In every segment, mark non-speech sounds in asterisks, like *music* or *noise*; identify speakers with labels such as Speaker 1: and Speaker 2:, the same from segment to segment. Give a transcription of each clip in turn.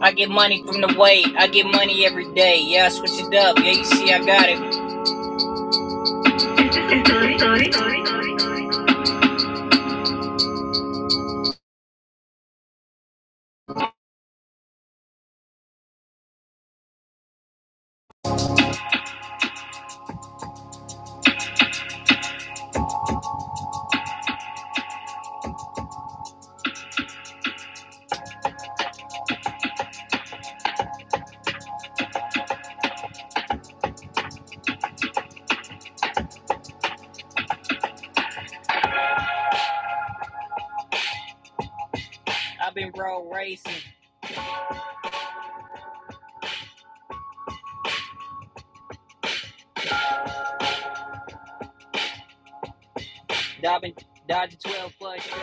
Speaker 1: I get money from the weight. I get money every day. Yeah, I switch it up. Yeah, you see, I got it. I've been road racing, dodging, dodging 12 frustrated.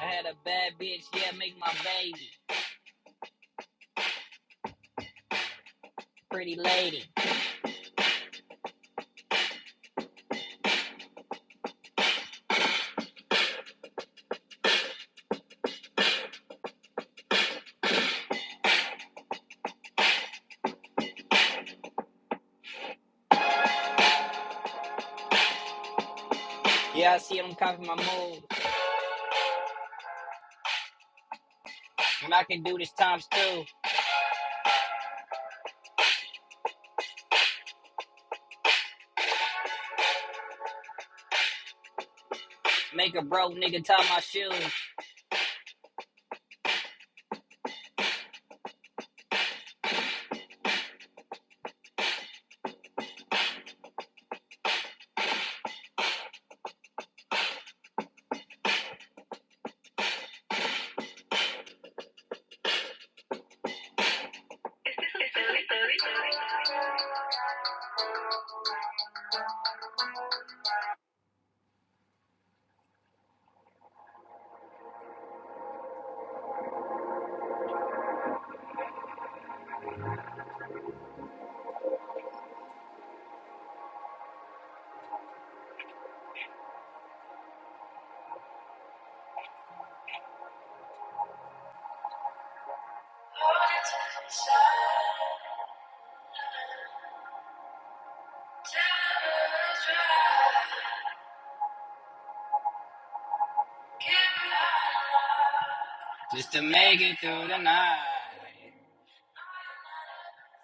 Speaker 1: I had a bad bitch, yeah, make my baby. Pretty lady. Yeah, I see them copy my moves. And I can do this times two. Make a broke nigga tie my shoes. Just to make it through the night.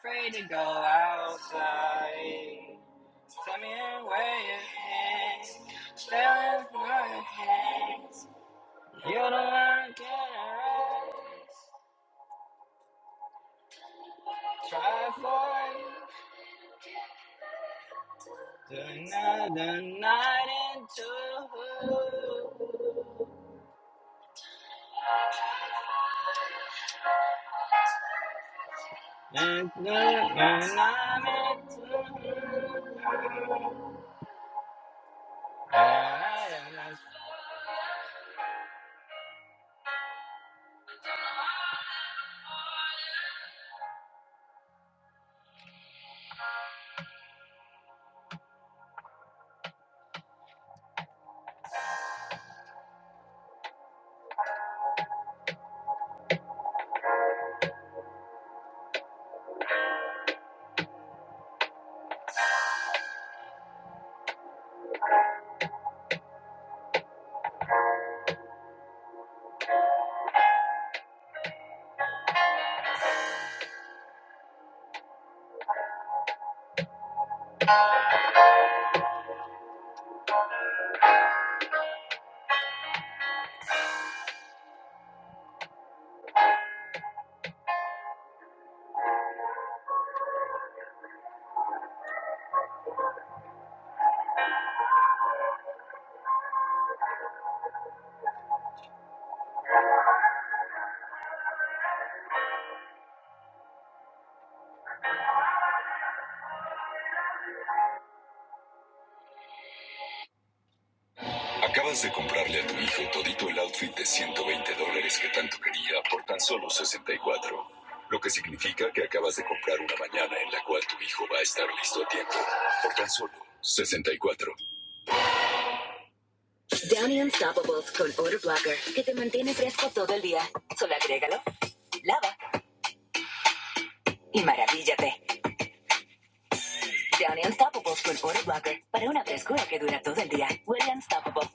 Speaker 1: Afraid to go outside. Tell me where it is. Feeling for my hands. You don't wanna get a rest. Try for another night into. And I'm into. Acabas de comprarle a tu hijo todito el outfit de 120 dólares que tanto quería por tan solo 64. Lo que significa que acabas de comprar una mañana en la cual tu hijo va a estar listo a tiempo. Por tan solo 64. Downy Unstoppables con Odor Blocker que te mantiene fresco todo el día. Solo agrégalo, lava y maravíllate. Downy Unstoppables con Odor Blocker para una frescura que dura todo el día. Huele unstoppable.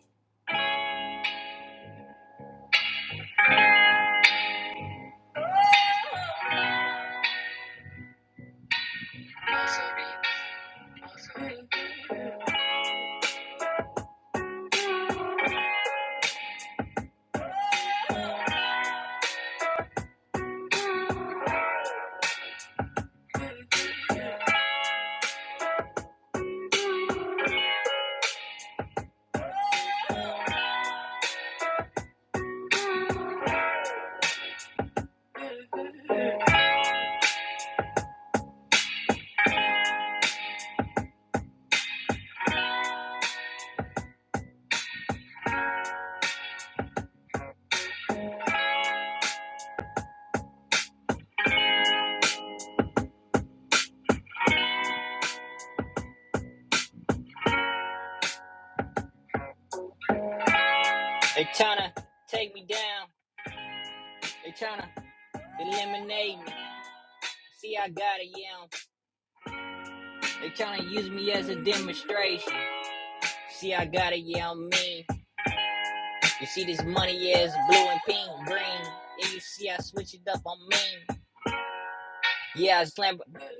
Speaker 1: They tryna take me down. They tryna eliminate me. See, I got it, yeah. They trying to use me as a demonstration. See, I got it, yeah, I'm mean. You see, this money yeah, it's blue and pink, green. And you see, I switch it up, I'm mean. Yeah, I slam,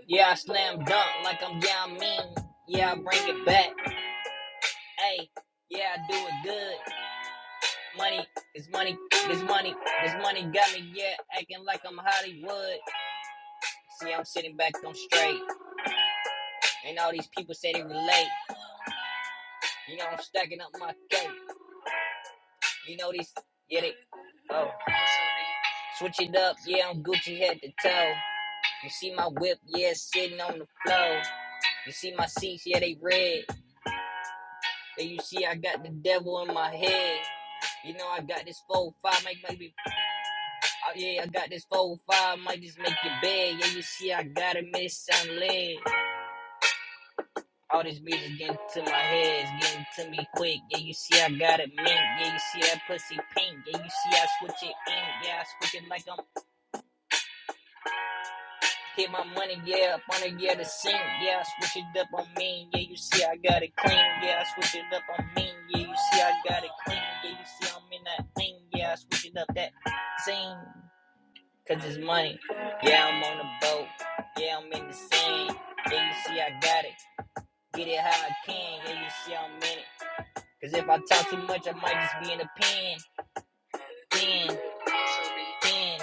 Speaker 1: yeah, I slam dunk like I'm, yeah, I'm mean. Yeah, I bring it back. Hey, yeah, I do it good. Money, this money, this money, this money got me, yeah, acting like I'm Hollywood. See, I'm sitting back, I'm straight. And all these people say they relate. You know, I'm stacking up my cake. You know these, get it? Oh, switch it up, yeah, I'm Gucci head to toe. You see my whip, yeah, sitting on the floor. You see my seats, yeah, they red. And you see I got the devil in my head. You know I got this four five, might maybe. oh, yeah, I got this four five, might just make your bed. Yeah, you see I got a miss some lead. All this music getting to my head, it's getting to me quick. Yeah, you see I got it mint. Yeah, you see that pussy pink. Yeah, you see I switch it in. Yeah, I switch it like I'm. Hit my money, yeah, up on it, yeah, the sink, yeah, I switch it up on me, yeah, you see I got it clean, yeah, I switch it up on me, yeah, you see I got it clean, yeah, you see I'm in that thing, yeah, I switch it up that scene, cause it's money, yeah, I'm on the boat, yeah, I'm in the scene, yeah, you see I got it, get it how I can, yeah, you see I'm in it, cause if I talk too much, I might just be in a pen, pen, pen,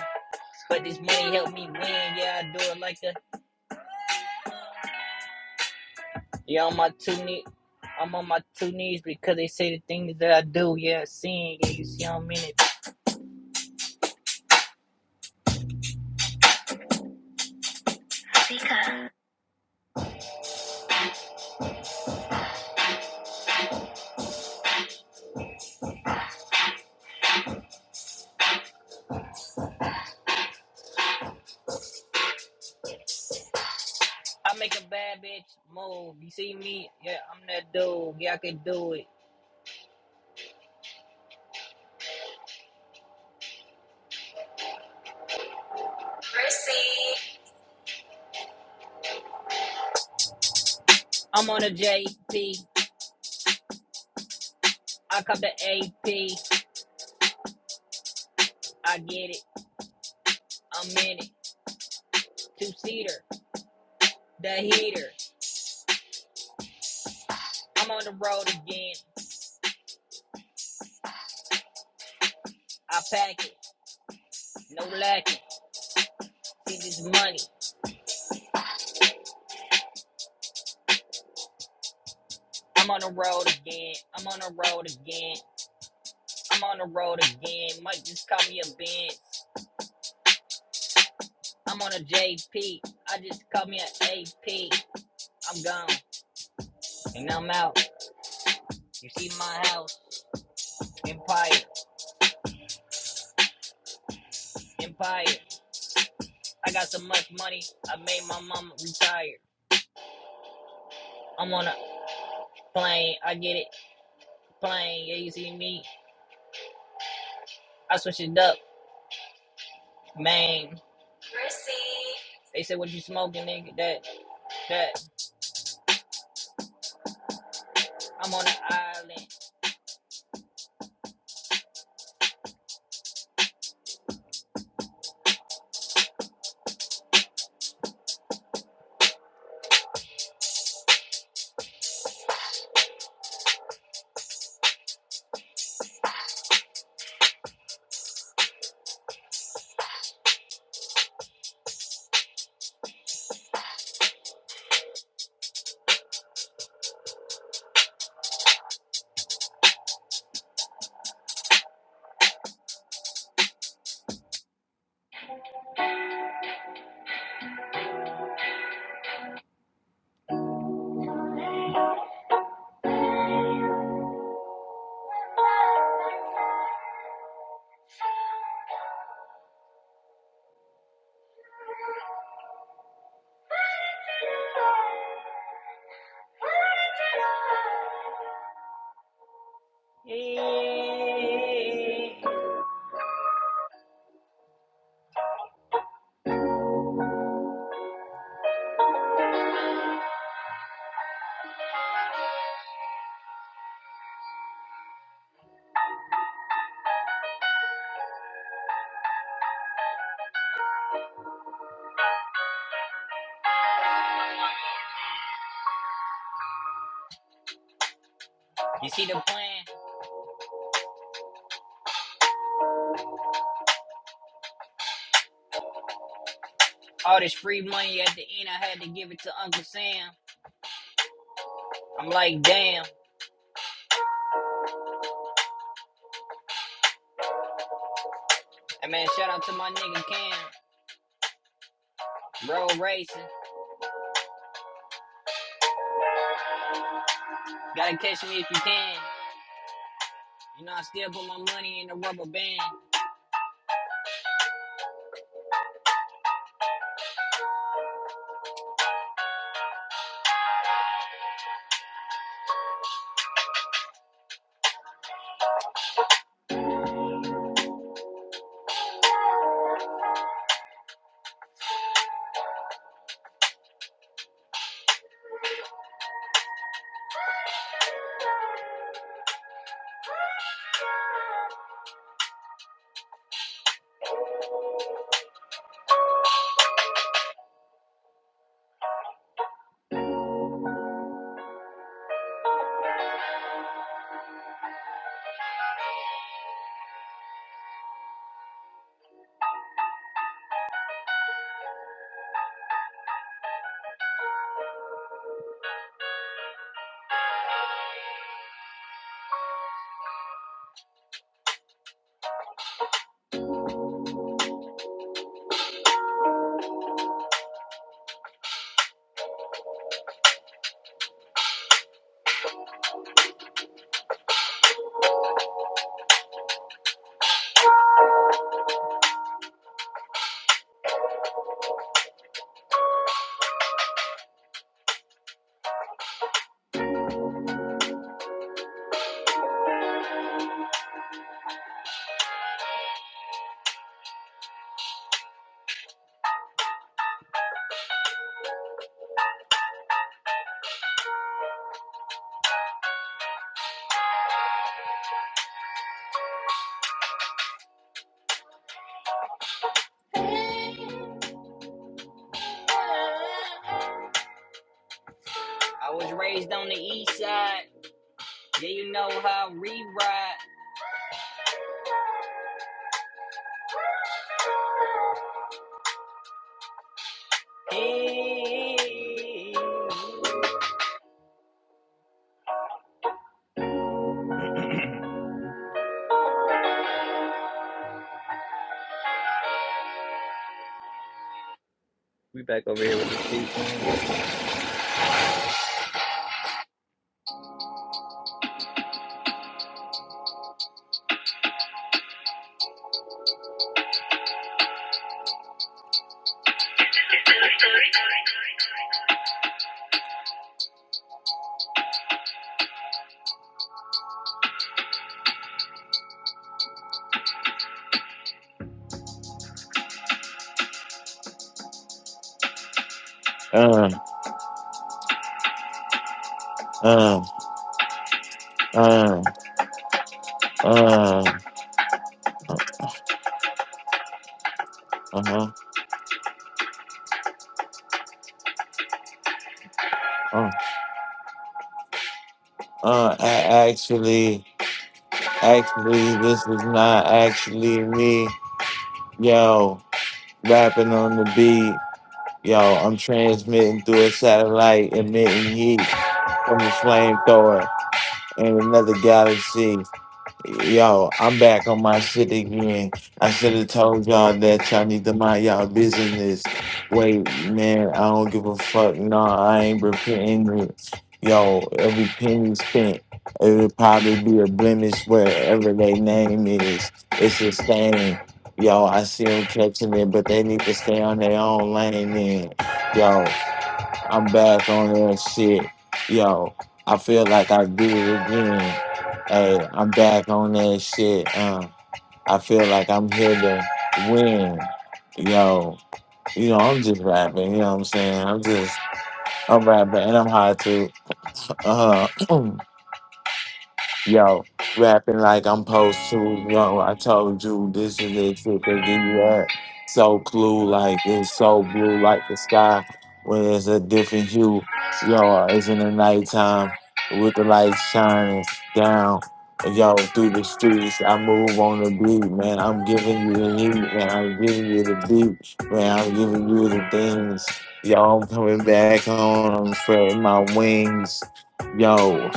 Speaker 1: but this money help me win, yeah, I do it like a Yeah, on my two knee, I'm on my two knees because they say the things that I do. Yeah, seeing yeah, you see how many. Because I make a bad bitch move. You see me? Yeah, I'm that dude. Yeah, I can do it. I'm on a JP. I cop the AP. I get it. I'm in it. Two seater, the heater. I'm on the road again. I pack it, no lacking. See this money. I'm on the road again. I'm on the road again. I'm on the road again. Might just call me a Benz. I'm on a JP. I just call me an AP. I'm gone and I'm out. You see my house, Empire, Empire. I got so much money, I made my mama retire. I'm on a plane, I get it, plane. Yeah, you see me, I switch it up, man. They said, "What you smoking, nigga?" That, that. I'm on an island. Yeah. You see the plan? All this free money at the end, I had to give it to Uncle Sam. I'm like, damn. Hey man, shout out to my nigga Cam. Road racing. Gotta catch me if you can. You know, I still put my money in the rubber band. I was raised on the east side. Yeah, you know how we ride. Hey. We back over here with the season.
Speaker 2: uh, uh, uh, uh, uh, uh-huh, uh, uh, I actually, actually, this is not actually me, yo, rapping on the beat, yo, I'm transmitting through a satellite, emitting heat from a flamethrower in another galaxy. Yo, I'm back on my shit again. I should have told y'all that y'all need to mind y'all business. Wait, man, I don't give a fuck. Nah, I ain't repenting it. Yo, every penny spent, it'll probably be a blemish wherever they name is. It's a stain. Yo, I see them catching it, but they need to stay on their own lane then. Yo, I'm back on that shit. Yo, I feel like I did it again. Hey, I'm back on that shit. Uh, I feel like I'm here to win. Yo, you know, I'm just rapping, you know what I'm saying? I'm just, I'm rapping and I'm high too. Uh-huh. *clears throat* yo, rapping like I'm supposed to. Yo, I told you this is the shit they give you at. So blue, like it's so blue, like the sky when it's a different hue. Yo, it's in the nighttime with the lights shining down. Yo, through the streets, I move on the beat, man. I'm giving you the heat, man. I'm giving you the beat, man. I'm giving you the things. Yo, I'm coming back home. I'm spreading my wings. Yo,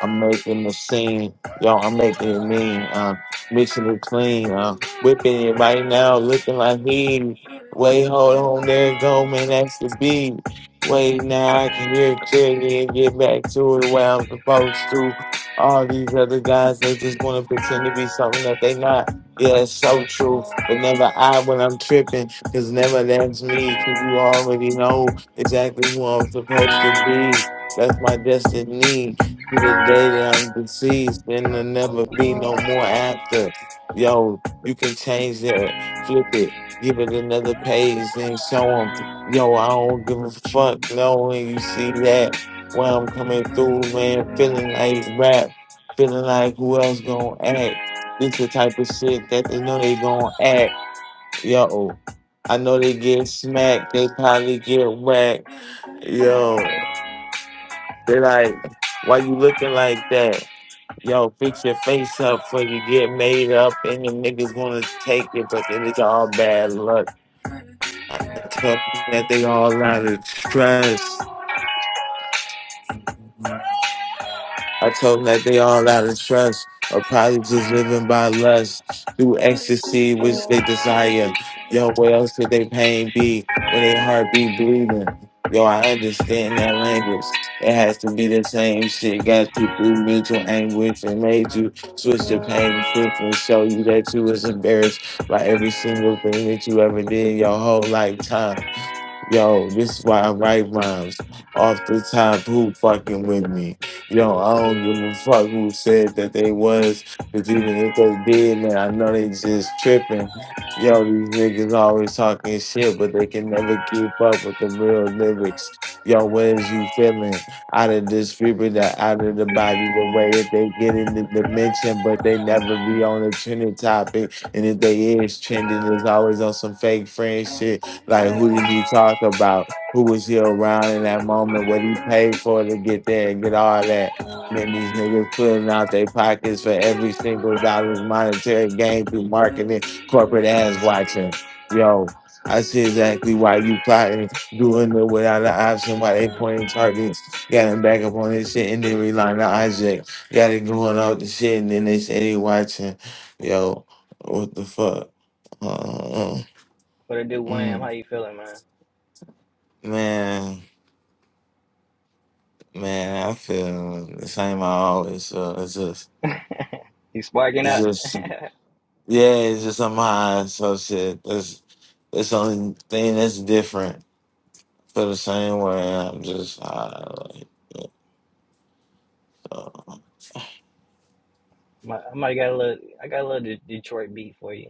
Speaker 2: I'm making the scene. Yo, I'm making it mean. Uh, mixing it clean. Uh, whipping it right now, looking like he. Wait, hold on, there it go, man. That's the beat. Wait, now I can hear it clearly and get back to it where I'm supposed to. All these other guys, they just want to pretend to be something that they not. Yeah, it's so true. But never I when I'm tripping, because never that's me, because you already know exactly who I'm supposed to be. That's my destiny to the day that I'm deceased and there never be no more after. Yo, you can change that, flip it, give it another page, then show them. Yo, I don't give a fuck. No, when you see that, when I'm coming through, man, feeling like rap, feeling like who else gonna act. This the type of shit that they know they gonna act. Yo, I know they get smacked, they probably get whacked. Yo, they like, why you looking like that? Yo, fix your face up before you get made up, and the niggas want to take it, but it is all bad luck. I told them that they all out of trust. I told them that they all out of trust are probably just living by lust through ecstasy, which they desire. Yo, what else could they pain be when they heart be bleeding? Yo, I understand that language. It has to be the same shit got you through mental anguish and made you switch to pain quick and show you that you was embarrassed by every single thing that you ever did your whole lifetime. Yo, this is why I write rhymes off the top. Who fucking with me? Yo, I don't give a fuck who said that they was, because even if they did, man, I know they just tripping. Yo, these niggas always talking shit, but they can never keep up with the real lyrics. Yo, what is you feeling? Out of this fever that out of the body, the way that they get in the dimension, but they never be on a trending topic. And if they is trending, it's always on some fake friend shit. Like, who did he talk about? Who was he around in that moment? What he paid for to get there and get all that? And then these niggas pulling out their pockets for every single dollar's monetary gain through marketing, corporate ass watching. Yo, I see exactly why you plotting, doing it without an option, why they pointing targets, got him back up on this shit, and then relying on Isaac. Got it going off the shit, and then they say they watching. Yo, what the fuck? Uh, uh,
Speaker 1: What it do,
Speaker 2: uh, mm.
Speaker 1: Wham? How you feeling, man?
Speaker 2: Man, man, I feel the same. I always feel. It's just,
Speaker 1: *laughs* You sparking
Speaker 2: it's
Speaker 1: up?
Speaker 2: just,
Speaker 1: *laughs*
Speaker 2: yeah, it's just somehow so shit. That's that's the only thing that's different. I feel the same way. I'm just high, like, so,
Speaker 1: My- I might got a little, I got a little De- Detroit beat for you.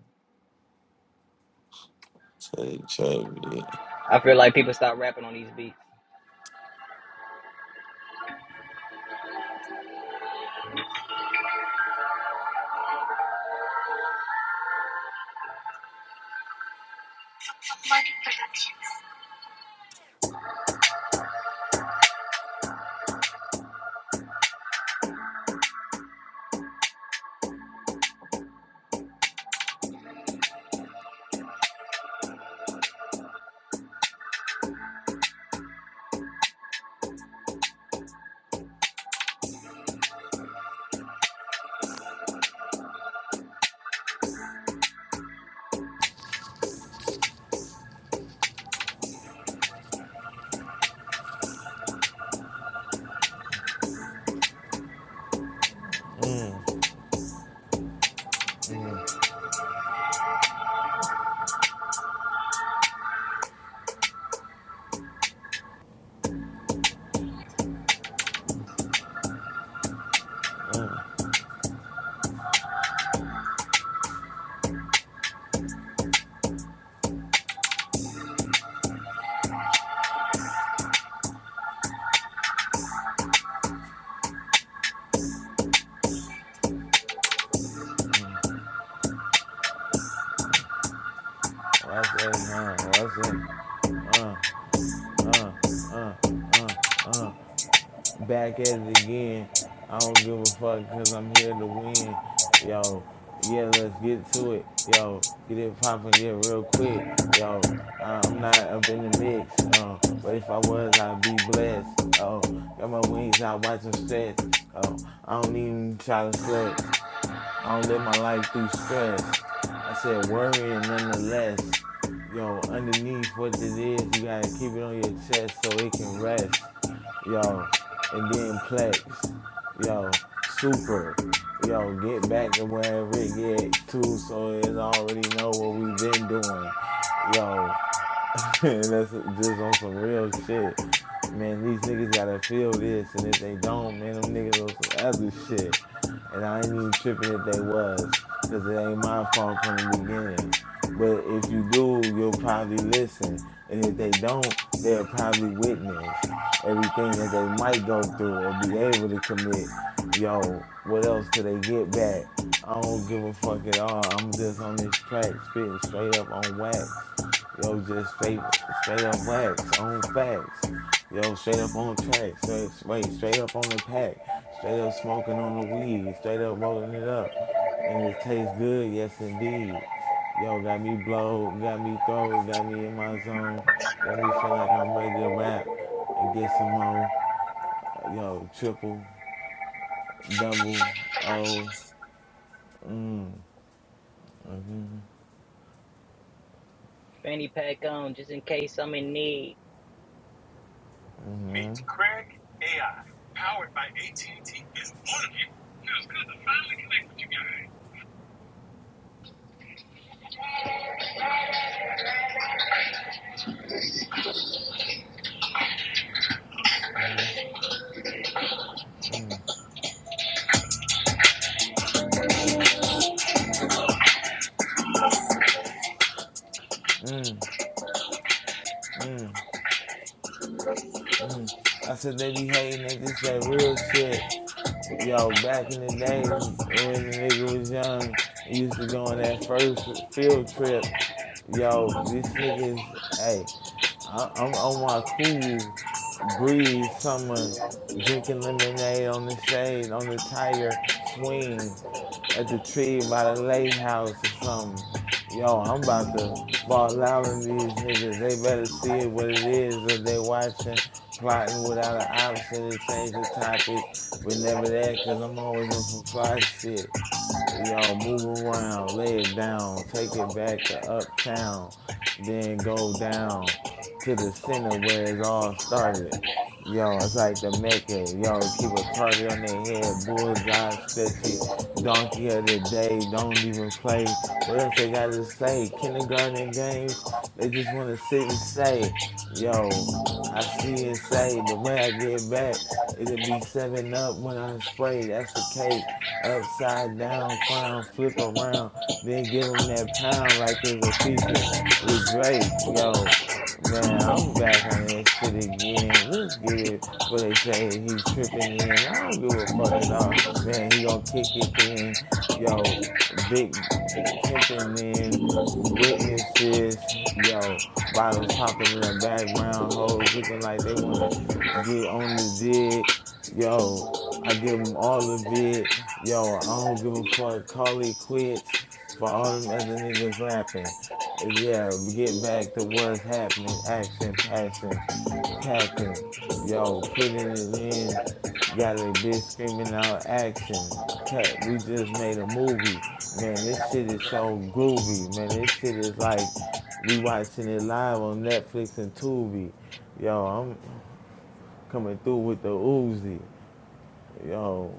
Speaker 2: say, trip, yeah.
Speaker 1: I feel like people stop rapping on these beats.
Speaker 2: Mm, mm. What I say, huh? What I say, uh, uh, uh, uh, uh. back at it again. I don't give a fuck because I'm here to win. Yo, yeah, let's get to it. Yo, get it poppin', get real quick. Yo, I- am not up in the mix. Uh, but if I was, I'd be blessed. Oh, got my wings out, watch them stretch. Oh, I don't even try to flex. I don't live my life through stress. I said worrying nonetheless. Yo, underneath what it is, you gotta keep it on your chest so it can rest. Yo, and then plex. Yo, super. Yo, get back to wherever it get to so it's already know what we've been doing. Yo, *laughs* and that's just on some real shit. Man, these niggas gotta feel this, and if they don't, man, them niggas on some other shit. And I ain't even tripping if they was, cause it ain't my fault from the beginning. But if you do, you'll probably listen, and if they don't, they'll probably witness everything that they might go through or be able to commit. Yo, what else could they get back? I don't give a fuck at all. I'm just on this track spitting straight up on wax. Yo, just straight straight up wax on facts. Yo, straight up on tracks. Straight, wait, straight up on the pack. Straight up smoking on the weed. Straight up rolling it up. And it tastes good, yes indeed. Yo, got me blow, got me throw, got me in my zone. Got me feel like I'm ready to rap and get some more. Uh, Yo, triple, double, oh. Mm,
Speaker 1: Fanny pack on, just in case I'm in need.
Speaker 2: mm, mm. I said they be hating that this that real shit. Yo, back in the day when the nigga was young, he used to go on that first field trip. Yo, this nigga's hey, I- I'm on my cool breeze summer, drinking lemonade on the shade on the tire swing at the tree by the lake house or something. Yo, I'm about to ball out on these niggas. They better see it what it is or they watching, plotting without an option to change the topic, but never that because I'm always on some fly shit. Y'all move around, lay it down, take it back to uptown, then go down to the center where it's all started. Yo, it's like the Mecca. Yo, keep a target on their head, bullseye, stretchy, donkey of the day, don't even play. What else they got to say? Kindergarten games, they just want to sit and say, yo. I see and say the way I get back is to be seven up when I spray. That's a cake upside down, frown, flip around, then give him that pound like it's a feature with Drake. Yo, man, I'm back on that shit again. Let's get it. But they say he tripping in. I don't give a fuck at all. Man, he gonna kick it then. Yo, big pimping in, witnesses, yo, bottles popping in the background, hoes looking like they want to get on the dick, yo. I give them all of it, yo. I don't give a fuck. Call it quits for all them other niggas rapping. Yeah, get back to what's happening. Action, passion packing, yo, putting it in, got a bitch screaming out action. Cut, we just made a movie. Man, this shit is so groovy. Man, this shit is like we watching it live on Netflix and Tubi. Yo, I'm coming through with the Uzi. Yo,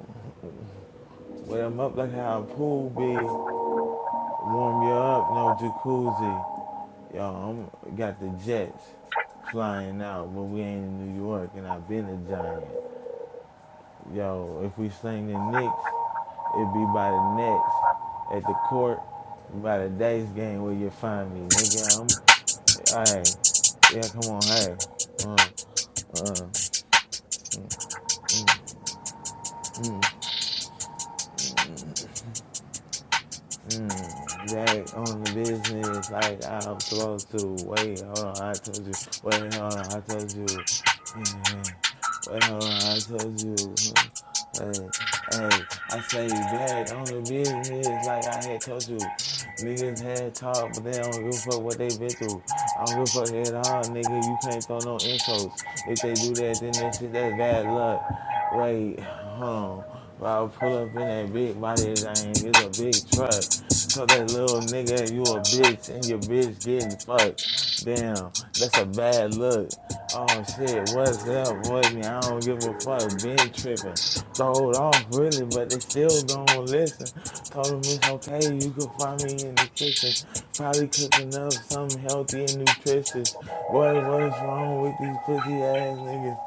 Speaker 2: when I'm up like how a pool be, warm you up, no jacuzzi. Yo, I'm got the jets flying out, but we ain't in New York and I've been a giant. Yo, if we sling the Knicks, it be by the Nets at the court by the dice game where you find me, nigga. I'm, hey, yeah, come on, hey, uh, uh, Mm, back on the business like I'm supposed to. Wait, hold on, I told you. Wait, hold on, I told you. *laughs* Wait, hold on, I told you. *laughs* Hey, hey, I say back on the business like I had told you. Niggas had talk, but they don't give a fuck what they been through. I don't give a fuck at all, nigga. You can't throw no insults. If they do that, then that shit, that's bad luck. Wait, hold on. While I pull up in that big body thing, it's a big truck. Tell that little nigga you a bitch and your bitch getting fucked. Damn, that's a bad look. Oh shit, what's up with me? I don't give a fuck. Been tripping. Throwed off really, but they still gonna listen. Told them it's okay. You could find me in the kitchen, probably cooking up something healthy and nutritious. Boy, what's wrong with these pussy ass niggas?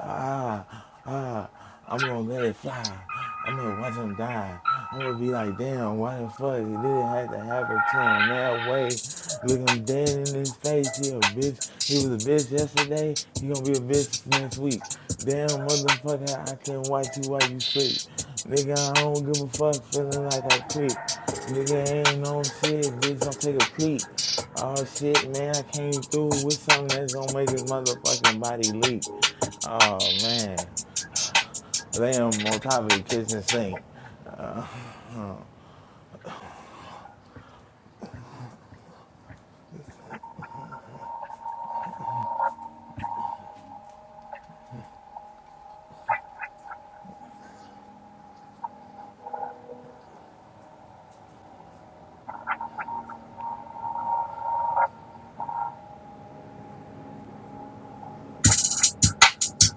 Speaker 2: ah, ah, I'm gonna let it fly. I'm gonna watch him die. I'm gonna be like, damn, why the fuck did it have to happen to him that way? Look him dead in his face. He a bitch. He was a bitch yesterday. He gonna be a bitch next week. Damn, motherfucker, I can not watch you while you sleep. Nigga, I don't give a fuck feeling like I creep. Nigga, ain't no shit, bitch. Don't take a peek. Oh shit, man, I came through with something that's gonna make his motherfucking body leak. Oh man, they am on top of the kitchen sink. *laughs* Uh,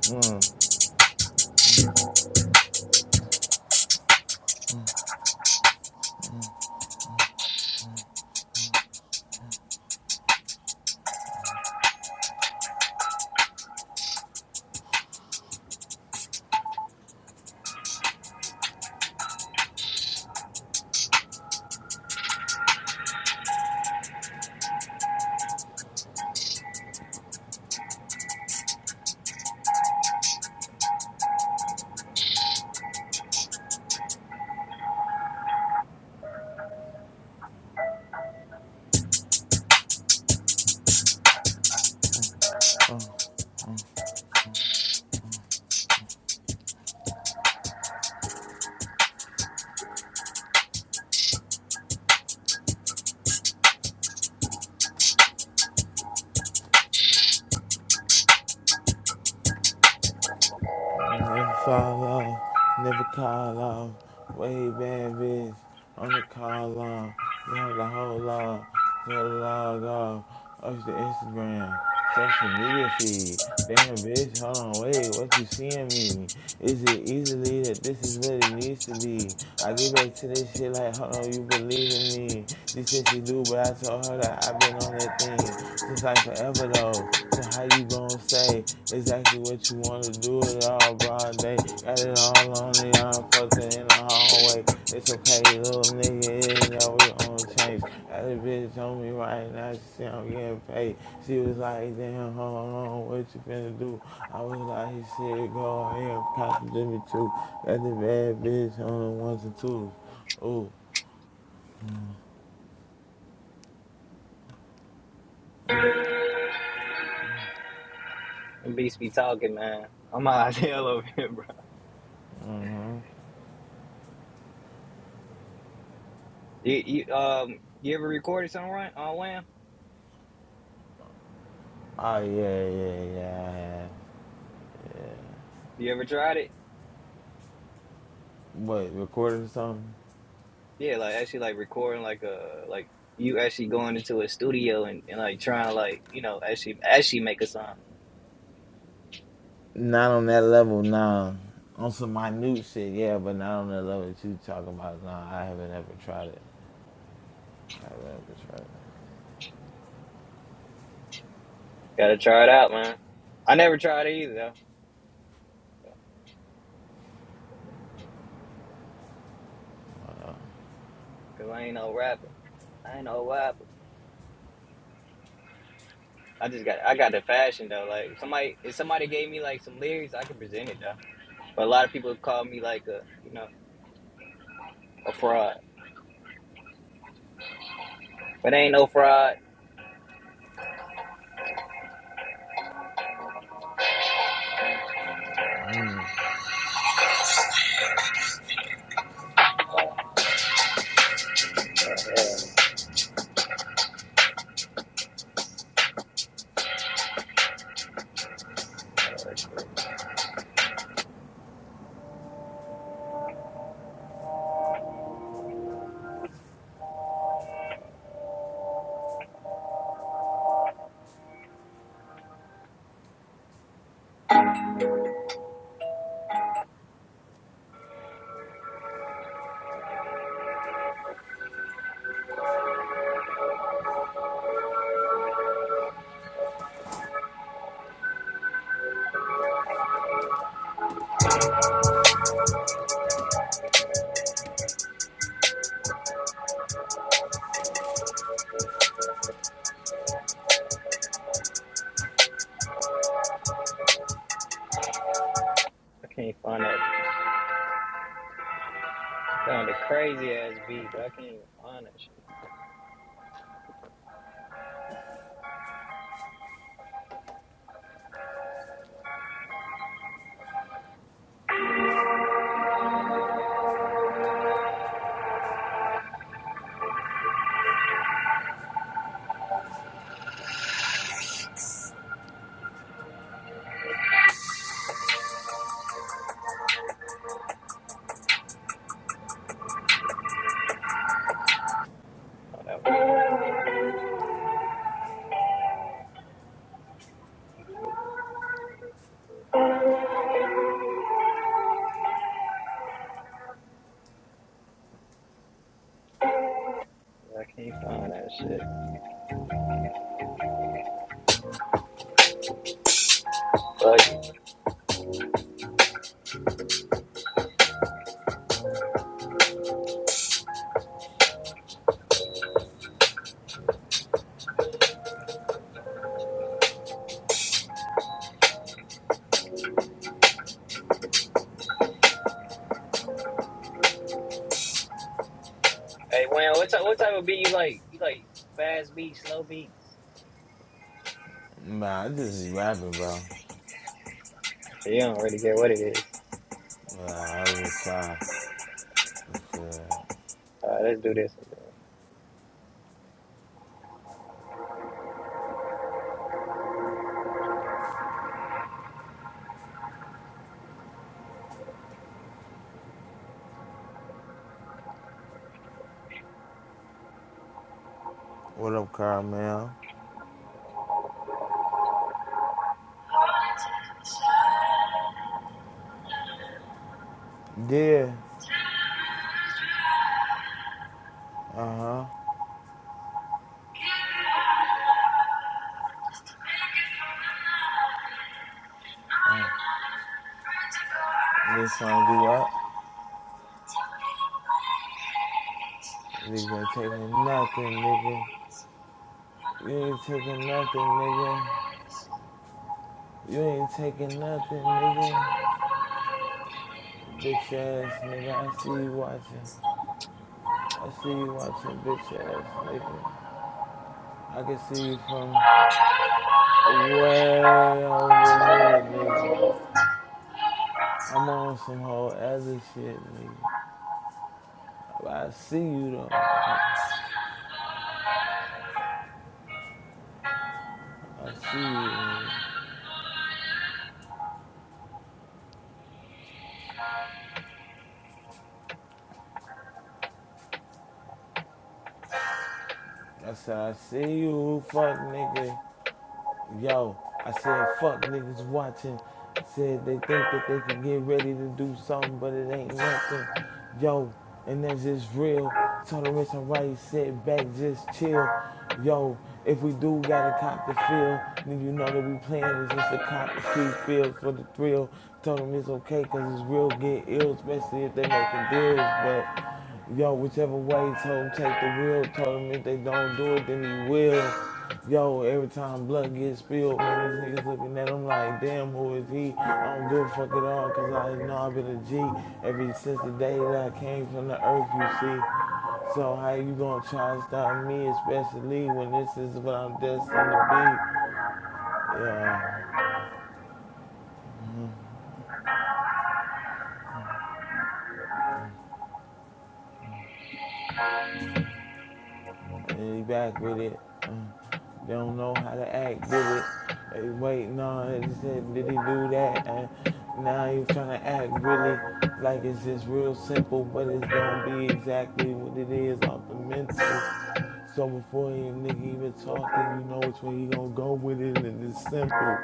Speaker 2: mm. Never fall off, never call off. Way bad bitch on the call off. Going the whole lot, go log off. Up to Instagram, social media feed. Damn bitch, hold on, wait, what you seeing me? Is it easily that this is what it needs to be? I get back to this shit like, hold on, you believe in me? She said she do, but I told her that I've been on that thing since like forever though. So how you gonna say exactly what you wanna do it all, bro? They got it all on the all fucking in the hallway. It's okay, little nigga, it ain't never gonna change. That bitch on me right now, she see I'm getting paid. She was like, damn, hold on, what you finna do? I was like, he said, go ahead, compliment me too. Got the bad bitch on the ones and twos. Ooh,
Speaker 1: Them beats be talking, man. I'm high as *laughs* hell over here, bro. You, you um you ever recorded something right on Wham?
Speaker 2: oh yeah, yeah, yeah. I had.
Speaker 1: You ever tried it?
Speaker 2: What, recording something?
Speaker 1: Yeah, like actually like recording like a like you actually going into a studio and, and like trying to like, you know, actually actually make a song.
Speaker 2: Not on that level, nah. On some minute shit, yeah, but not on that level that you talking about. Nah, I haven't ever tried it. I haven't ever tried it.
Speaker 1: Gotta try it out, man. I never tried it either though, cause I ain't no rapper. I ain't no rapper. I just got I got the fashion though. Like somebody if somebody gave me like some lyrics, I could present it though. But a lot of people call me like a you know, a fraud. But ain't no fraud. I can't find that. Found a crazy ass beat, but I can't even find that shit. No Oh, that was, I can't find that shit. Like, Hey, Wayne, what type, what type of beat you like? You like fast beats, slow beats?
Speaker 2: Nah, I just be rapping, bro.
Speaker 1: You don't really care what it is. is.
Speaker 2: Nah, I just try. uh,
Speaker 1: let's do this one then.
Speaker 2: what up, Carmel? Yeah. Uh-huh. Uh, niggas trying to do what? Niggas ain't taking nothing, nigga. You ain't taking nothing, nigga. You ain't taking nothing, nigga. Bitch ass nigga, I see you watching. I see you watching bitch ass nigga. I can see you from way over here, nigga. I'm on some whole other shit, nigga. But I see you though, nigga. I see you, nigga. I said I see you, fuck nigga. yo, I said, fuck niggas watching. Said they think that they could get ready to do something, but it ain't nothing. Yo, and that's just real. Told them it's alright, sit back, just chill. Yo, if we do gotta cop the feel, then you know that we playing is just a cop the few feels for the thrill. Told them it's okay, cause it's real get ill, especially if they're making deals, but Yo, whichever way, told him take the wheel. Told him if they don't do it, then he will. Yo, every time blood gets spilled, man, these niggas looking at him like, damn, who is he? I don't give a fuck at all, cause I know I've been a G ever since the day that I came from the earth, you see. So how you gonna try to stop me, especially when this is what I'm destined to be? Yo. and he back with it. Uh, they don't know how to act, did it? Hey, wait, no, he said, did he do that? And now you trying to act really like it's just real simple, but it's gonna be exactly what it is off the mental. So before any nigga even talk, then you know which way you gonna go with it, and it's simple.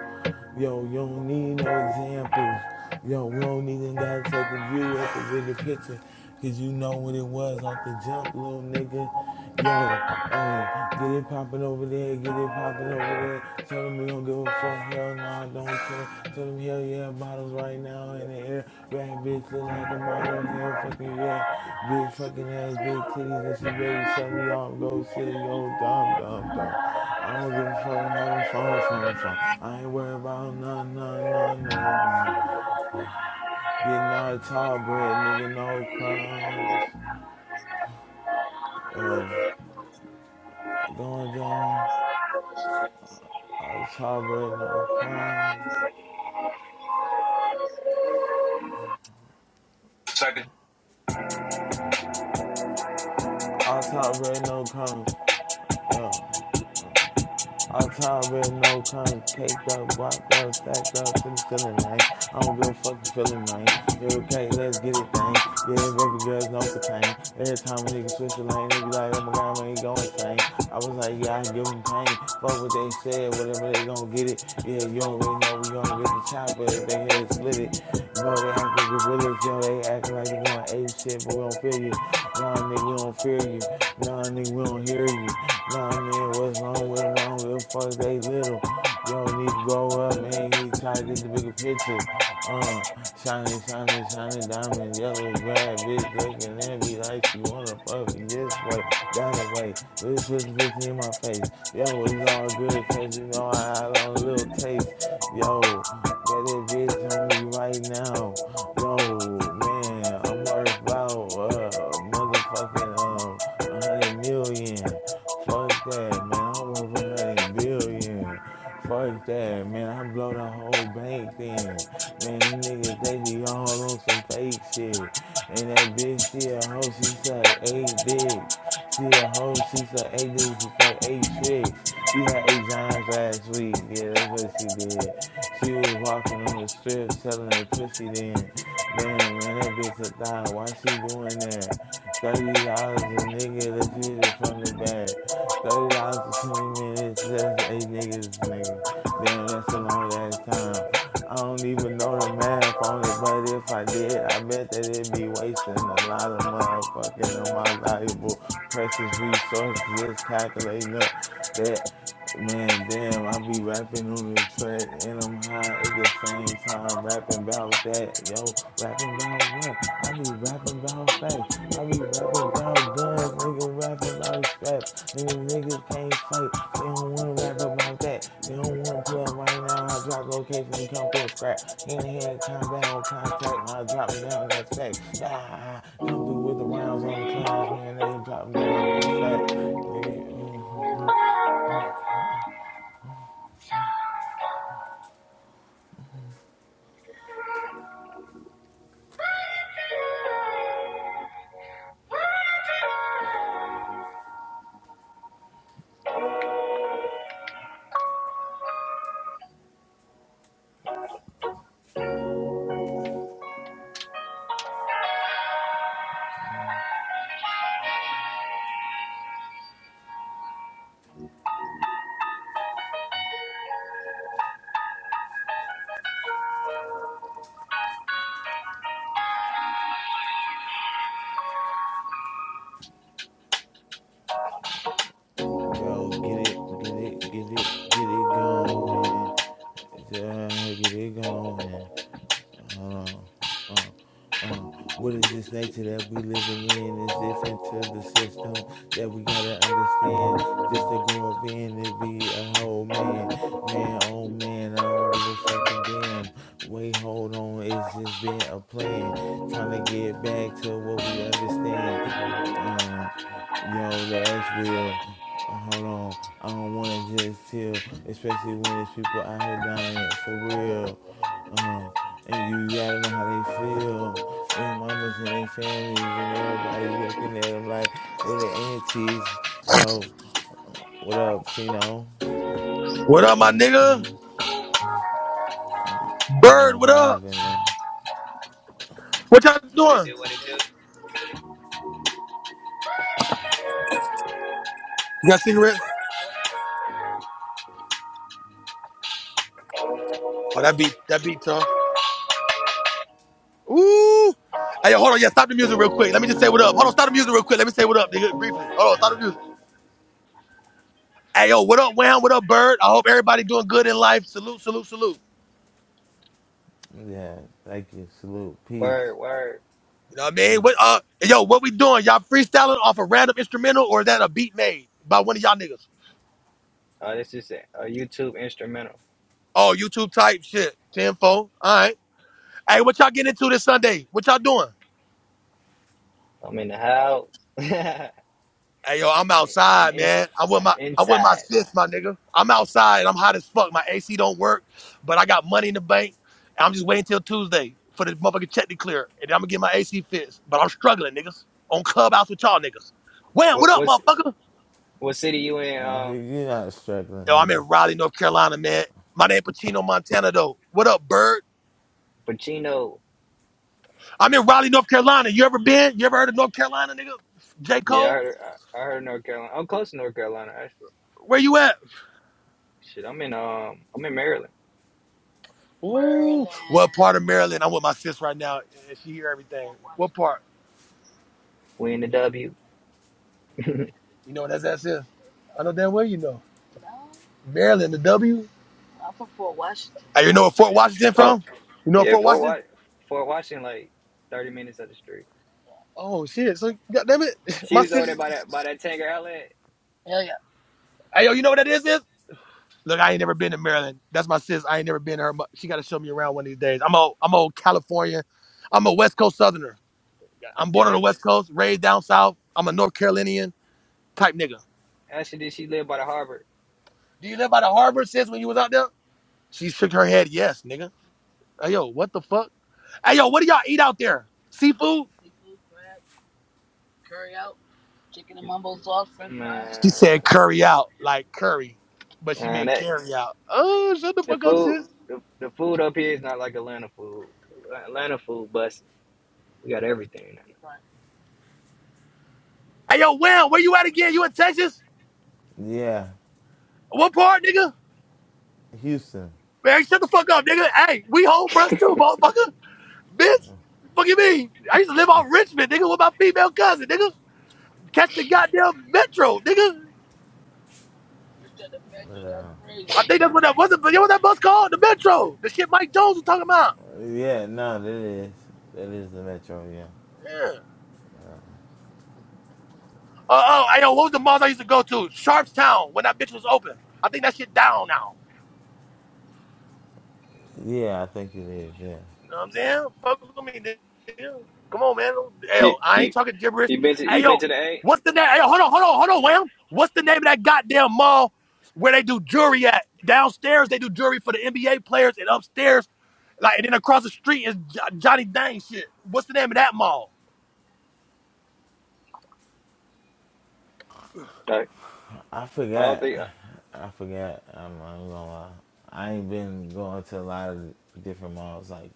Speaker 2: Yo, you don't need no examples. Yo, we don't even gotta take a view at the bigger picture, cause you know what it was off the jump, little nigga. Yo, hey, get it poppin' over there, get it poppin' over there. Tell them we don't give a fuck, hell no, I don't care. Tell them hell yeah, bottles right now in the air. Bad bitch look like a model, hell fucking yeah. Big fucking ass, big titties, and she ready to suck me off, go silly, go dumb, dumb, dumb. I don't give a fuck, I'm having fun, fun, fun. I ain't worried about none, none, none, none, none. Getting all the tall bread, nigga, no crumbs. Yo, going down, all the tall bread, no crumbs.
Speaker 1: Second.
Speaker 2: All the tall bread, no crumbs. Yo. All time red, no crumbs, caked up, guapped up, stacked up to the ceiling, man. I don't give a fuck you feeling, man. You okay, let's get it, thing. Yeah, baby girls, no pertain. Every time a nigga switch the lane, they be like, oh my god, man, he going insane. I was like, yeah, I give him pain. Fuck what they said, whatever they gonna get it. Yeah, you already know we gonna get the chopper if they head split it. Bro, they acting gorillas, yo, they acting like they going ape shit, but we don't feel you. Nah, nigga, we don't fear you. Nah, nigga, we don't hear you. Nah, man, what's wrong with them? I don't give a fuck. They little. Yo, need to grow up, man. You need to try to get the bigger picture. Uh, shining, shining, shining diamond, yellow grab bitch looking at me like she wanna fuck me this way, that way. Little pussy pussy in my face. Yo, it's all good, cause you know I had on a little taste. Yo, got that bitch on me right now. Yo, man, I'm worth about uh motherfucking um a hundred million. Fuck that, man. I work for one hundred billion. Fuck that, man. I blow the whole bank then. Man, them niggas, they be all on some fake shit. And that bitch, she a hoe, she suck eight dicks. She a hoe, she suck eight dicks and fuck eight tricks. She had eight giants last week. Yeah, that's what she did. She was walking on the strip selling that pussy then. Damn, man, that bitch a thot. Why she doing that? Thirty dollars a nigga that you hit it from the back. Thirty dollars for twenty minutes. That's eight niggas, nigga. Damn, that's a long ass time. I don't even know the math on it, but if I did, I bet that it'd be wasting a lot of motherfucking of my valuable, precious resources just calculating up that. Man, damn, I be rapping on the track and I'm high at the same time rapping about that. Yo, rapping about what? I be rapping about facts. I be rapping about guns, niggas rapping about straps. And if niggas can't fight, they don't wanna rap about that. They don't wanna pull up right now. I drop location, we come through a scrap. Hand to hand combat on contact, man, I drop them down, that's fact. Ah, ah, ah, come through with the rounds on the clowns, man, they drop them down, that's fact. Nigga, uh, Go get it, get it, get it, get it going. Yeah, get it going. Uh, uh, uh, uh. what is this nature that we living in is if into the system that we gotta understand just to grow up in and be a whole man man oh man i don't give a fucking damn wait hold on it's just been a plan trying to get back to what we understand uh yo that's real hold on i don't want to just chill especially when there's people out here dying for real um, and you, you gotta know how they feel. And their mamas and their families and everybody looking at them like, what the aunties? Yo, what up, Chino?
Speaker 3: What up, my nigga? Bird,
Speaker 2: Man,
Speaker 3: what up?
Speaker 2: vibing, man.
Speaker 3: What y'all
Speaker 1: What it
Speaker 3: doing?
Speaker 1: do, what it do?
Speaker 3: You got cigarettes? Oh, that beat, that beat tough. Ooh. Hey, yo, hold on. Yeah, stop the music real quick. Let me just say what up. Hold on, stop the music real quick. Let me say what up, nigga, briefly. Hold on, stop the music. Hey, yo, what up, Wham? What up, Bird? I hope everybody doing good in life. Salute, salute, salute.
Speaker 2: Yeah, thank you. Salute. Peace.
Speaker 1: Word, word.
Speaker 3: You know what I mean?
Speaker 2: Peace.
Speaker 3: What uh, hey, yo, what we doing? Y'all freestyling off a random instrumental or is that a beat made by one of y'all niggas?
Speaker 1: Uh, this is a, YouTube instrumental.
Speaker 3: Oh, YouTube type shit. 10-4. All right. Hey, what y'all getting into this Sunday? What y'all doing?
Speaker 1: I'm in the house. *laughs* I'm
Speaker 3: Hey yo, I'm
Speaker 1: in, I'm
Speaker 3: outside,
Speaker 1: inside.
Speaker 3: man. I'm with
Speaker 1: I'm
Speaker 3: my I'm with my
Speaker 1: inside.
Speaker 3: sis, my nigga. I'm outside. I'm hot as fuck. My AC don't work, but I got money in the bank. And I'm just waiting till Tuesday for the motherfucking check to clear, and then I'm gonna get my AC fixed. But I'm struggling, niggas. On clubhouse with y'all niggas. Wham, what
Speaker 1: What
Speaker 3: up,
Speaker 1: what's
Speaker 3: motherfucker?
Speaker 1: what city you in?
Speaker 2: Mm,
Speaker 1: Um,
Speaker 2: You're not
Speaker 3: Yo, I'm
Speaker 2: struggling,
Speaker 3: in Raleigh, North Carolina, man. My name Pacino Montana though. What up, bird?
Speaker 1: Pacino.
Speaker 3: I'm in Raleigh, North Carolina. You ever been? You ever heard of North Carolina, nigga? J.
Speaker 1: Yeah, I
Speaker 3: Cole?
Speaker 1: heard, I heard North Carolina. I'm close to North Carolina.
Speaker 3: Where you at?
Speaker 1: Shit, I'm in um, I'm in Maryland.
Speaker 3: Ooh, what part of Maryland? I'm with my sis right now, and she hear everything. What part?
Speaker 1: We in the W. *laughs*
Speaker 3: You know, that's that sis. I know damn well you know. Maryland, the W. Hey, you know where Fort Washington
Speaker 1: oh
Speaker 3: from? You know where
Speaker 1: yeah,
Speaker 3: Fort
Speaker 1: Fort
Speaker 3: Washington?
Speaker 1: Wa Fort Washington, like thirty minutes up the street.
Speaker 3: Oh shit! So goddamn it, *laughs*
Speaker 1: She
Speaker 3: my
Speaker 1: was over there by
Speaker 3: sis.
Speaker 1: that by that Tanger Outlet.
Speaker 3: Hey yo, you know what that is? Sis? Look, I ain't never been to Maryland. That's my sis. I ain't never been to her. mu- She got to show me around one of these days. I'm a I'm a California. I'm a West Coast Southerner. I'm
Speaker 1: Yeah,
Speaker 3: born on the
Speaker 1: that
Speaker 3: West Coast, raised down south. I'm a North Carolinian type nigga.
Speaker 1: actually did. She lived by the harbor.
Speaker 3: Do you live by the harbor, sis? When you was out there, she shook her head yes, nigga. Hey, yo, what the fuck? Hey, yo, what do y'all eat out there? Seafood? She said
Speaker 1: Man,
Speaker 3: curry out, like curry, but she
Speaker 1: and
Speaker 3: meant
Speaker 1: that
Speaker 3: carry out. Oh, shut the
Speaker 1: the
Speaker 3: fuck up,
Speaker 1: food,
Speaker 3: sis.
Speaker 1: the, the food up here is not like Atlanta food. Atlanta food, busting. We got everything.
Speaker 3: Hey, yo, Wham, where you at again? You in Texas?
Speaker 2: nigga. Yeah,
Speaker 3: What part, nigga?
Speaker 2: Houston.
Speaker 3: Man, shut the fuck up, nigga. Hey, we home for us too, motherfucker. Bitch, fuck you mean? I used to live
Speaker 2: *laughs*
Speaker 3: off Richmond, nigga, with my female cousin, nigga. Catch the goddamn metro, nigga.
Speaker 2: Yeah.
Speaker 3: I think that's what that was. What was that bus called? The metro. The shit Mike Jones was talking about.
Speaker 2: Yeah, no, that is. That is the metro, yeah.
Speaker 3: Yeah. Uh, oh, I know what was the malls I used to go to? Sharpstown when that bitch was open. I think that shit down now.
Speaker 2: Yeah, yeah I think it is, yeah.
Speaker 3: You know what I'm saying? Fuck with me, nigga. Come on, man. Hey,
Speaker 1: You
Speaker 3: yo, I ain't
Speaker 1: you
Speaker 3: talking gibberish.
Speaker 1: you been to
Speaker 3: Hey,
Speaker 1: you been
Speaker 3: yo,
Speaker 1: to the A?
Speaker 3: what's the name? Hey, yo, hold on, hold on, hold on, Wham. What's the name of that goddamn mall where they do jewelry at? Downstairs they do jewelry for the NBA players, and upstairs, like, and then across the street is Jo- Johnny Dang shit. What's the name of that mall?
Speaker 1: Like,
Speaker 2: I
Speaker 1: I don't
Speaker 2: forgot.
Speaker 1: think
Speaker 2: I forgot. I'm, I ain't gonna lie. I ain't been going to a lot of different malls. Like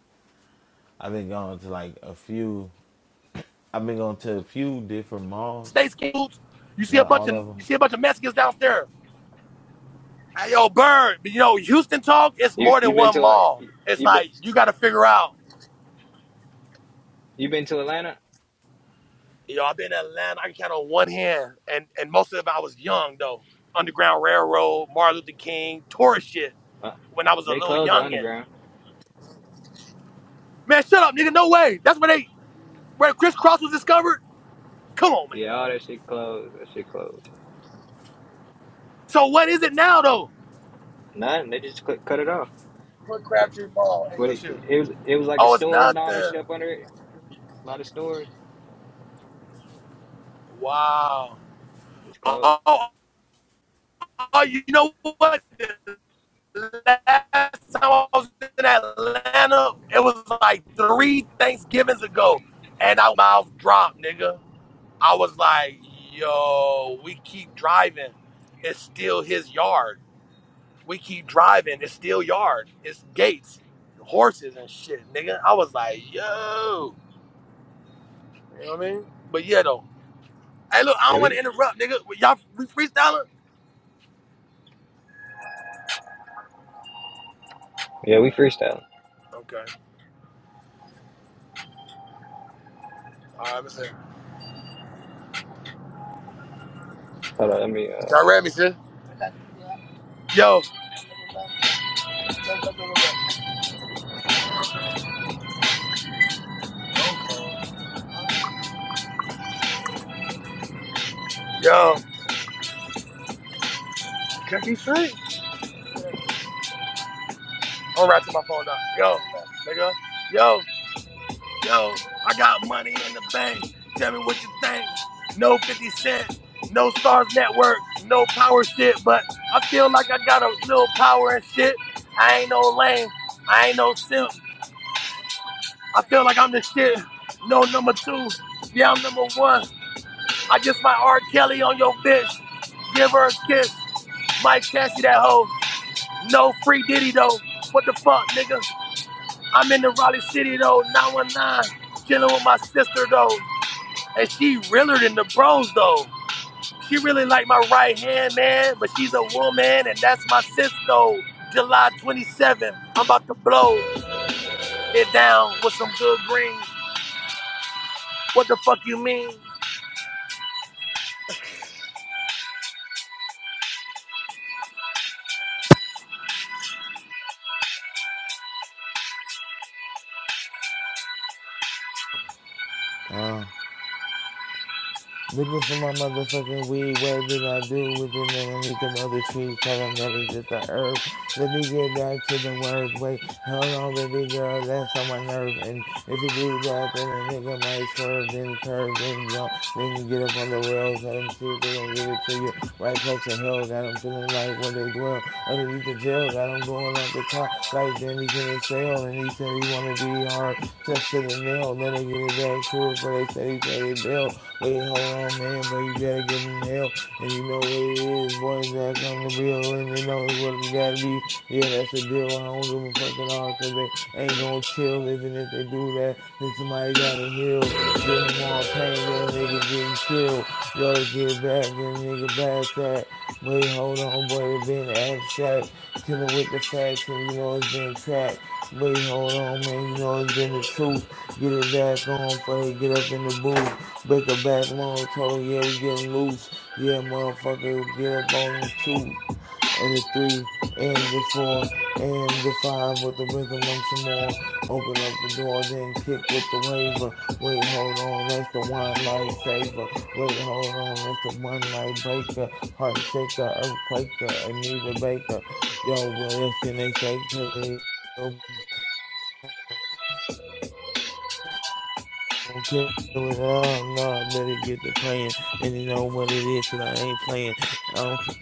Speaker 2: I've been going to like a few. I've been going to a few different malls.
Speaker 3: States Coops. You see a
Speaker 2: Not
Speaker 3: bunch
Speaker 2: all
Speaker 3: of
Speaker 2: of them.
Speaker 3: you see a bunch of Mexicans downstairs. Hey, yo, Bird, you know, Houston talk, it's
Speaker 1: you
Speaker 3: more than
Speaker 1: you been
Speaker 3: one
Speaker 1: to a,
Speaker 3: mall. It's
Speaker 1: you been
Speaker 3: like, you got to figure out.
Speaker 1: you been to Atlanta?
Speaker 3: You know, I've been in Atlanta, I can count on one hand. And and most of them, I was young, though. Underground Railroad, Martin Luther King, tourist shit
Speaker 1: Uh,
Speaker 3: when I was a
Speaker 1: they
Speaker 3: little
Speaker 1: closed the
Speaker 3: youngin'.
Speaker 1: underground.
Speaker 3: Man, shut up, nigga, no way. That's where they, where crisscross was discovered? Come on, man.
Speaker 1: Yeah, all that shit closed. That shit closed.
Speaker 3: So what is it now, though?
Speaker 1: Nothing. They just cut cut it off.
Speaker 3: Crabtree Mall. Hey, yo.
Speaker 1: But it, it was it was like the
Speaker 3: Oh, it's
Speaker 1: stores and all that
Speaker 3: nothing.
Speaker 1: shit up under it. A lot of stores.
Speaker 3: Wow.
Speaker 1: It's closed.
Speaker 3: Oh, oh, oh, you know what? last time I was in Atlanta, it was like three Thanksgivings ago, and I mouth dropped, nigga. I was like, yo, we keep driving. It's still his yard. We keep driving. It's still yard. It's gates, horses, and shit, nigga. I was like, yo. You know what I mean? But yeah, though. Hey, look, I
Speaker 1: Yeah,
Speaker 3: don't want to
Speaker 1: we
Speaker 3: interrupt, nigga. Y'all we freestyling?
Speaker 1: yeah we freestyling.
Speaker 3: Okay. All right, listen.
Speaker 1: Hold on, let me.
Speaker 3: Y'all
Speaker 1: Uh,
Speaker 3: ready, sis? Yo. Yo. Can he straight? I'm ratchet my phone down. Yo, nigga. Yo, yo, I got money in the bank. Tell me what you think. No 50 Cent, no Stars Network, no power shit, but I feel like I got a little power and shit. I ain't no lame. I ain't no simp. I feel like I'm the shit. No number two. Yeah, I'm number one. I just my R. Kelly on your bitch. Give her a kiss. Mike Cassie that hoe. No free Diddy though. What the fuck, nigga? I'm in the Raleigh City though, 919, chilling with my sister though. And she realer than the bros though. She really like my right hand man, but she's a woman and that's my sis though. July 27th, I'm about to blow it down with some good green. What the fuck you mean?
Speaker 2: Uh, Looking for my motherfucking weed. What did I do with it, man? I need the mother tree. Tell them that it's just a herb. Let me get back to the word. Wait, hold on, baby girl. That's on my nerve. And if you do that, then a nigga might swerve, then curve, then jump, then get up on the rails. Let them see if they gonna give it to you. Right close to hell. Got them feeling like where they dwell. Underneath the jail. Got them going off the top. Like, damn, he's in a cell. And he said he wanna be hard. Touch to the nail. Let her get it back to to it before they say they pay their bill. Wait, hold on, man, boy, you better give them hell. And you know what it is, boys back on the bill, and they know what it has gotta be. Yeah, that's the deal. I don't give a fuck at all, cause they ain't gonna chill even if they do that. Then somebody gotta heal. Give them all pain, then nigga getting killed. Y'all to get back, then nigga blast that. Wait, hold on, boy, it has been abstract, killing with the facts, and you know it's been trapped. Wait, hold on, man, you know it's been the truth. Get it back on before they get up in the booth. Break a back long, told her, yeah, we getting loose. Yeah, motherfucker, get up on the truth and the three and the four and the five with the rhythm and some more. Open up the door, then kick with the waiver. Wait, hold on, that's the one lifesaver. Wait, hold on, that's the one night breaker. Heart shaker, earthquaker, Anita Baker. Yo, what else can they say? Cause they don't care. What up? No, I better get to praying, and you know what it is, cause I ain't playing. I don't care.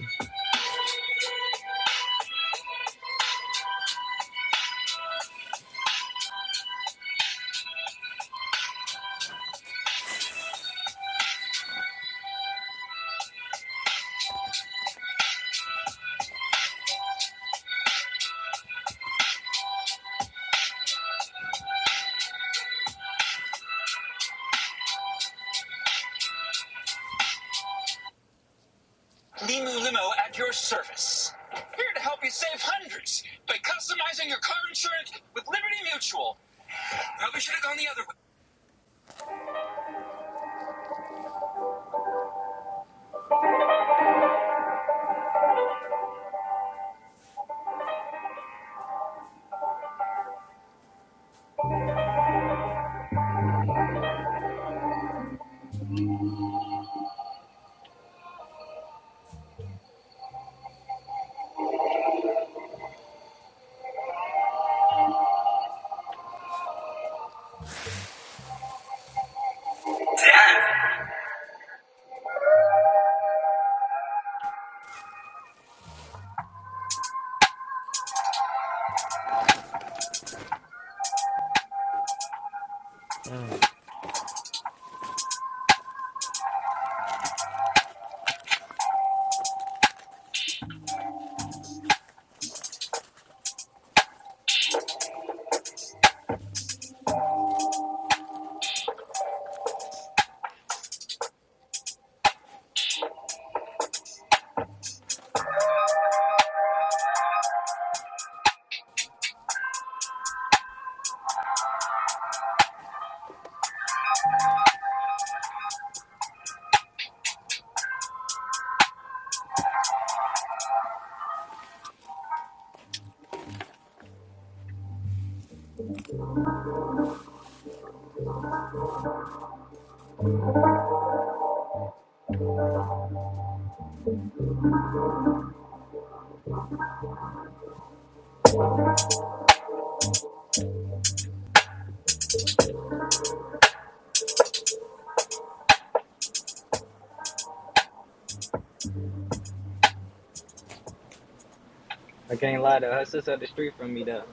Speaker 1: I can't lie though. Her sister up the street from me though.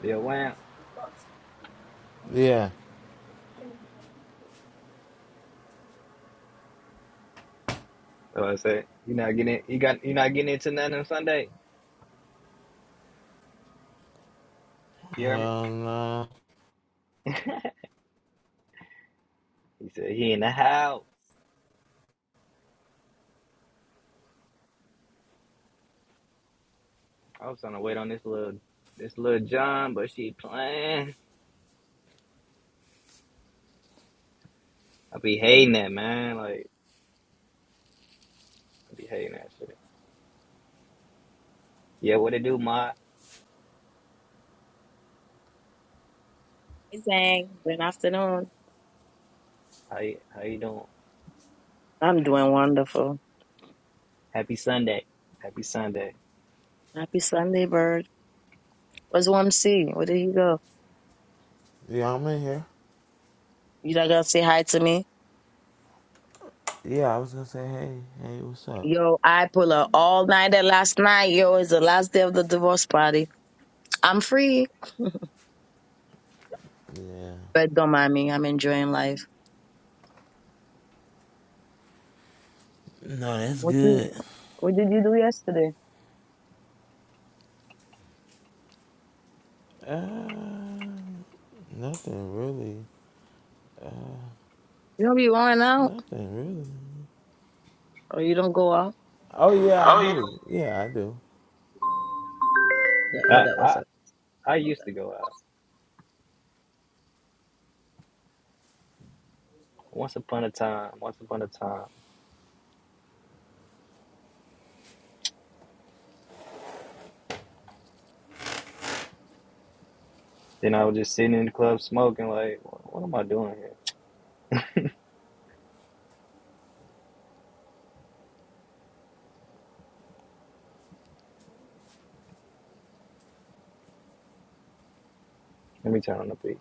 Speaker 1: Yeah, wham.
Speaker 2: Yeah.
Speaker 1: So I said, you not getting you got you not getting into nothing on Sunday. You hear me?
Speaker 2: Hell no.
Speaker 1: He said he in the house. I was trying to wait on this little this little John, but she playing. I be hating that man. Like I be hating that shit. Yeah, what it do, ma?
Speaker 4: Hey Zang, Good afternoon.
Speaker 1: How you, how you doing?
Speaker 4: I'm doing wonderful.
Speaker 1: Happy Sunday. Happy Sunday.
Speaker 4: Happy Sunday, bird. What's one OMC? Where did he go?
Speaker 2: Yeah, I'm in here.
Speaker 4: You not gonna say hi to me?
Speaker 2: Yeah, I was gonna say, hey, hey, what's up?
Speaker 4: Yo, I pull up all nighter last night. Yo, it's the last day of the divorce party. I'm free.
Speaker 2: Yeah.
Speaker 4: But don't mind me. I'm enjoying life.
Speaker 2: No, that's
Speaker 4: What did,
Speaker 2: good.
Speaker 4: what did you do yesterday?
Speaker 2: Uh, nothing really.
Speaker 4: You don't be going out
Speaker 2: Nothing really.
Speaker 4: or you don't go out?
Speaker 2: Oh yeah, I do. Yeah, I do.
Speaker 1: I, I I used to go out once upon a time. Once upon a time. Then I was just sitting in the club smoking. Like, what, what am I doing here? Let me turn on the beat.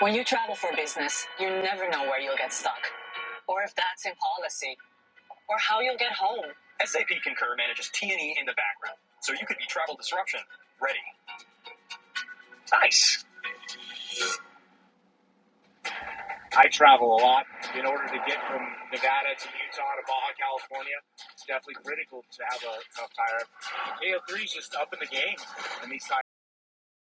Speaker 1: When you travel for business, you never know where you'll get stuck, or if that's in policy, or how you'll get home.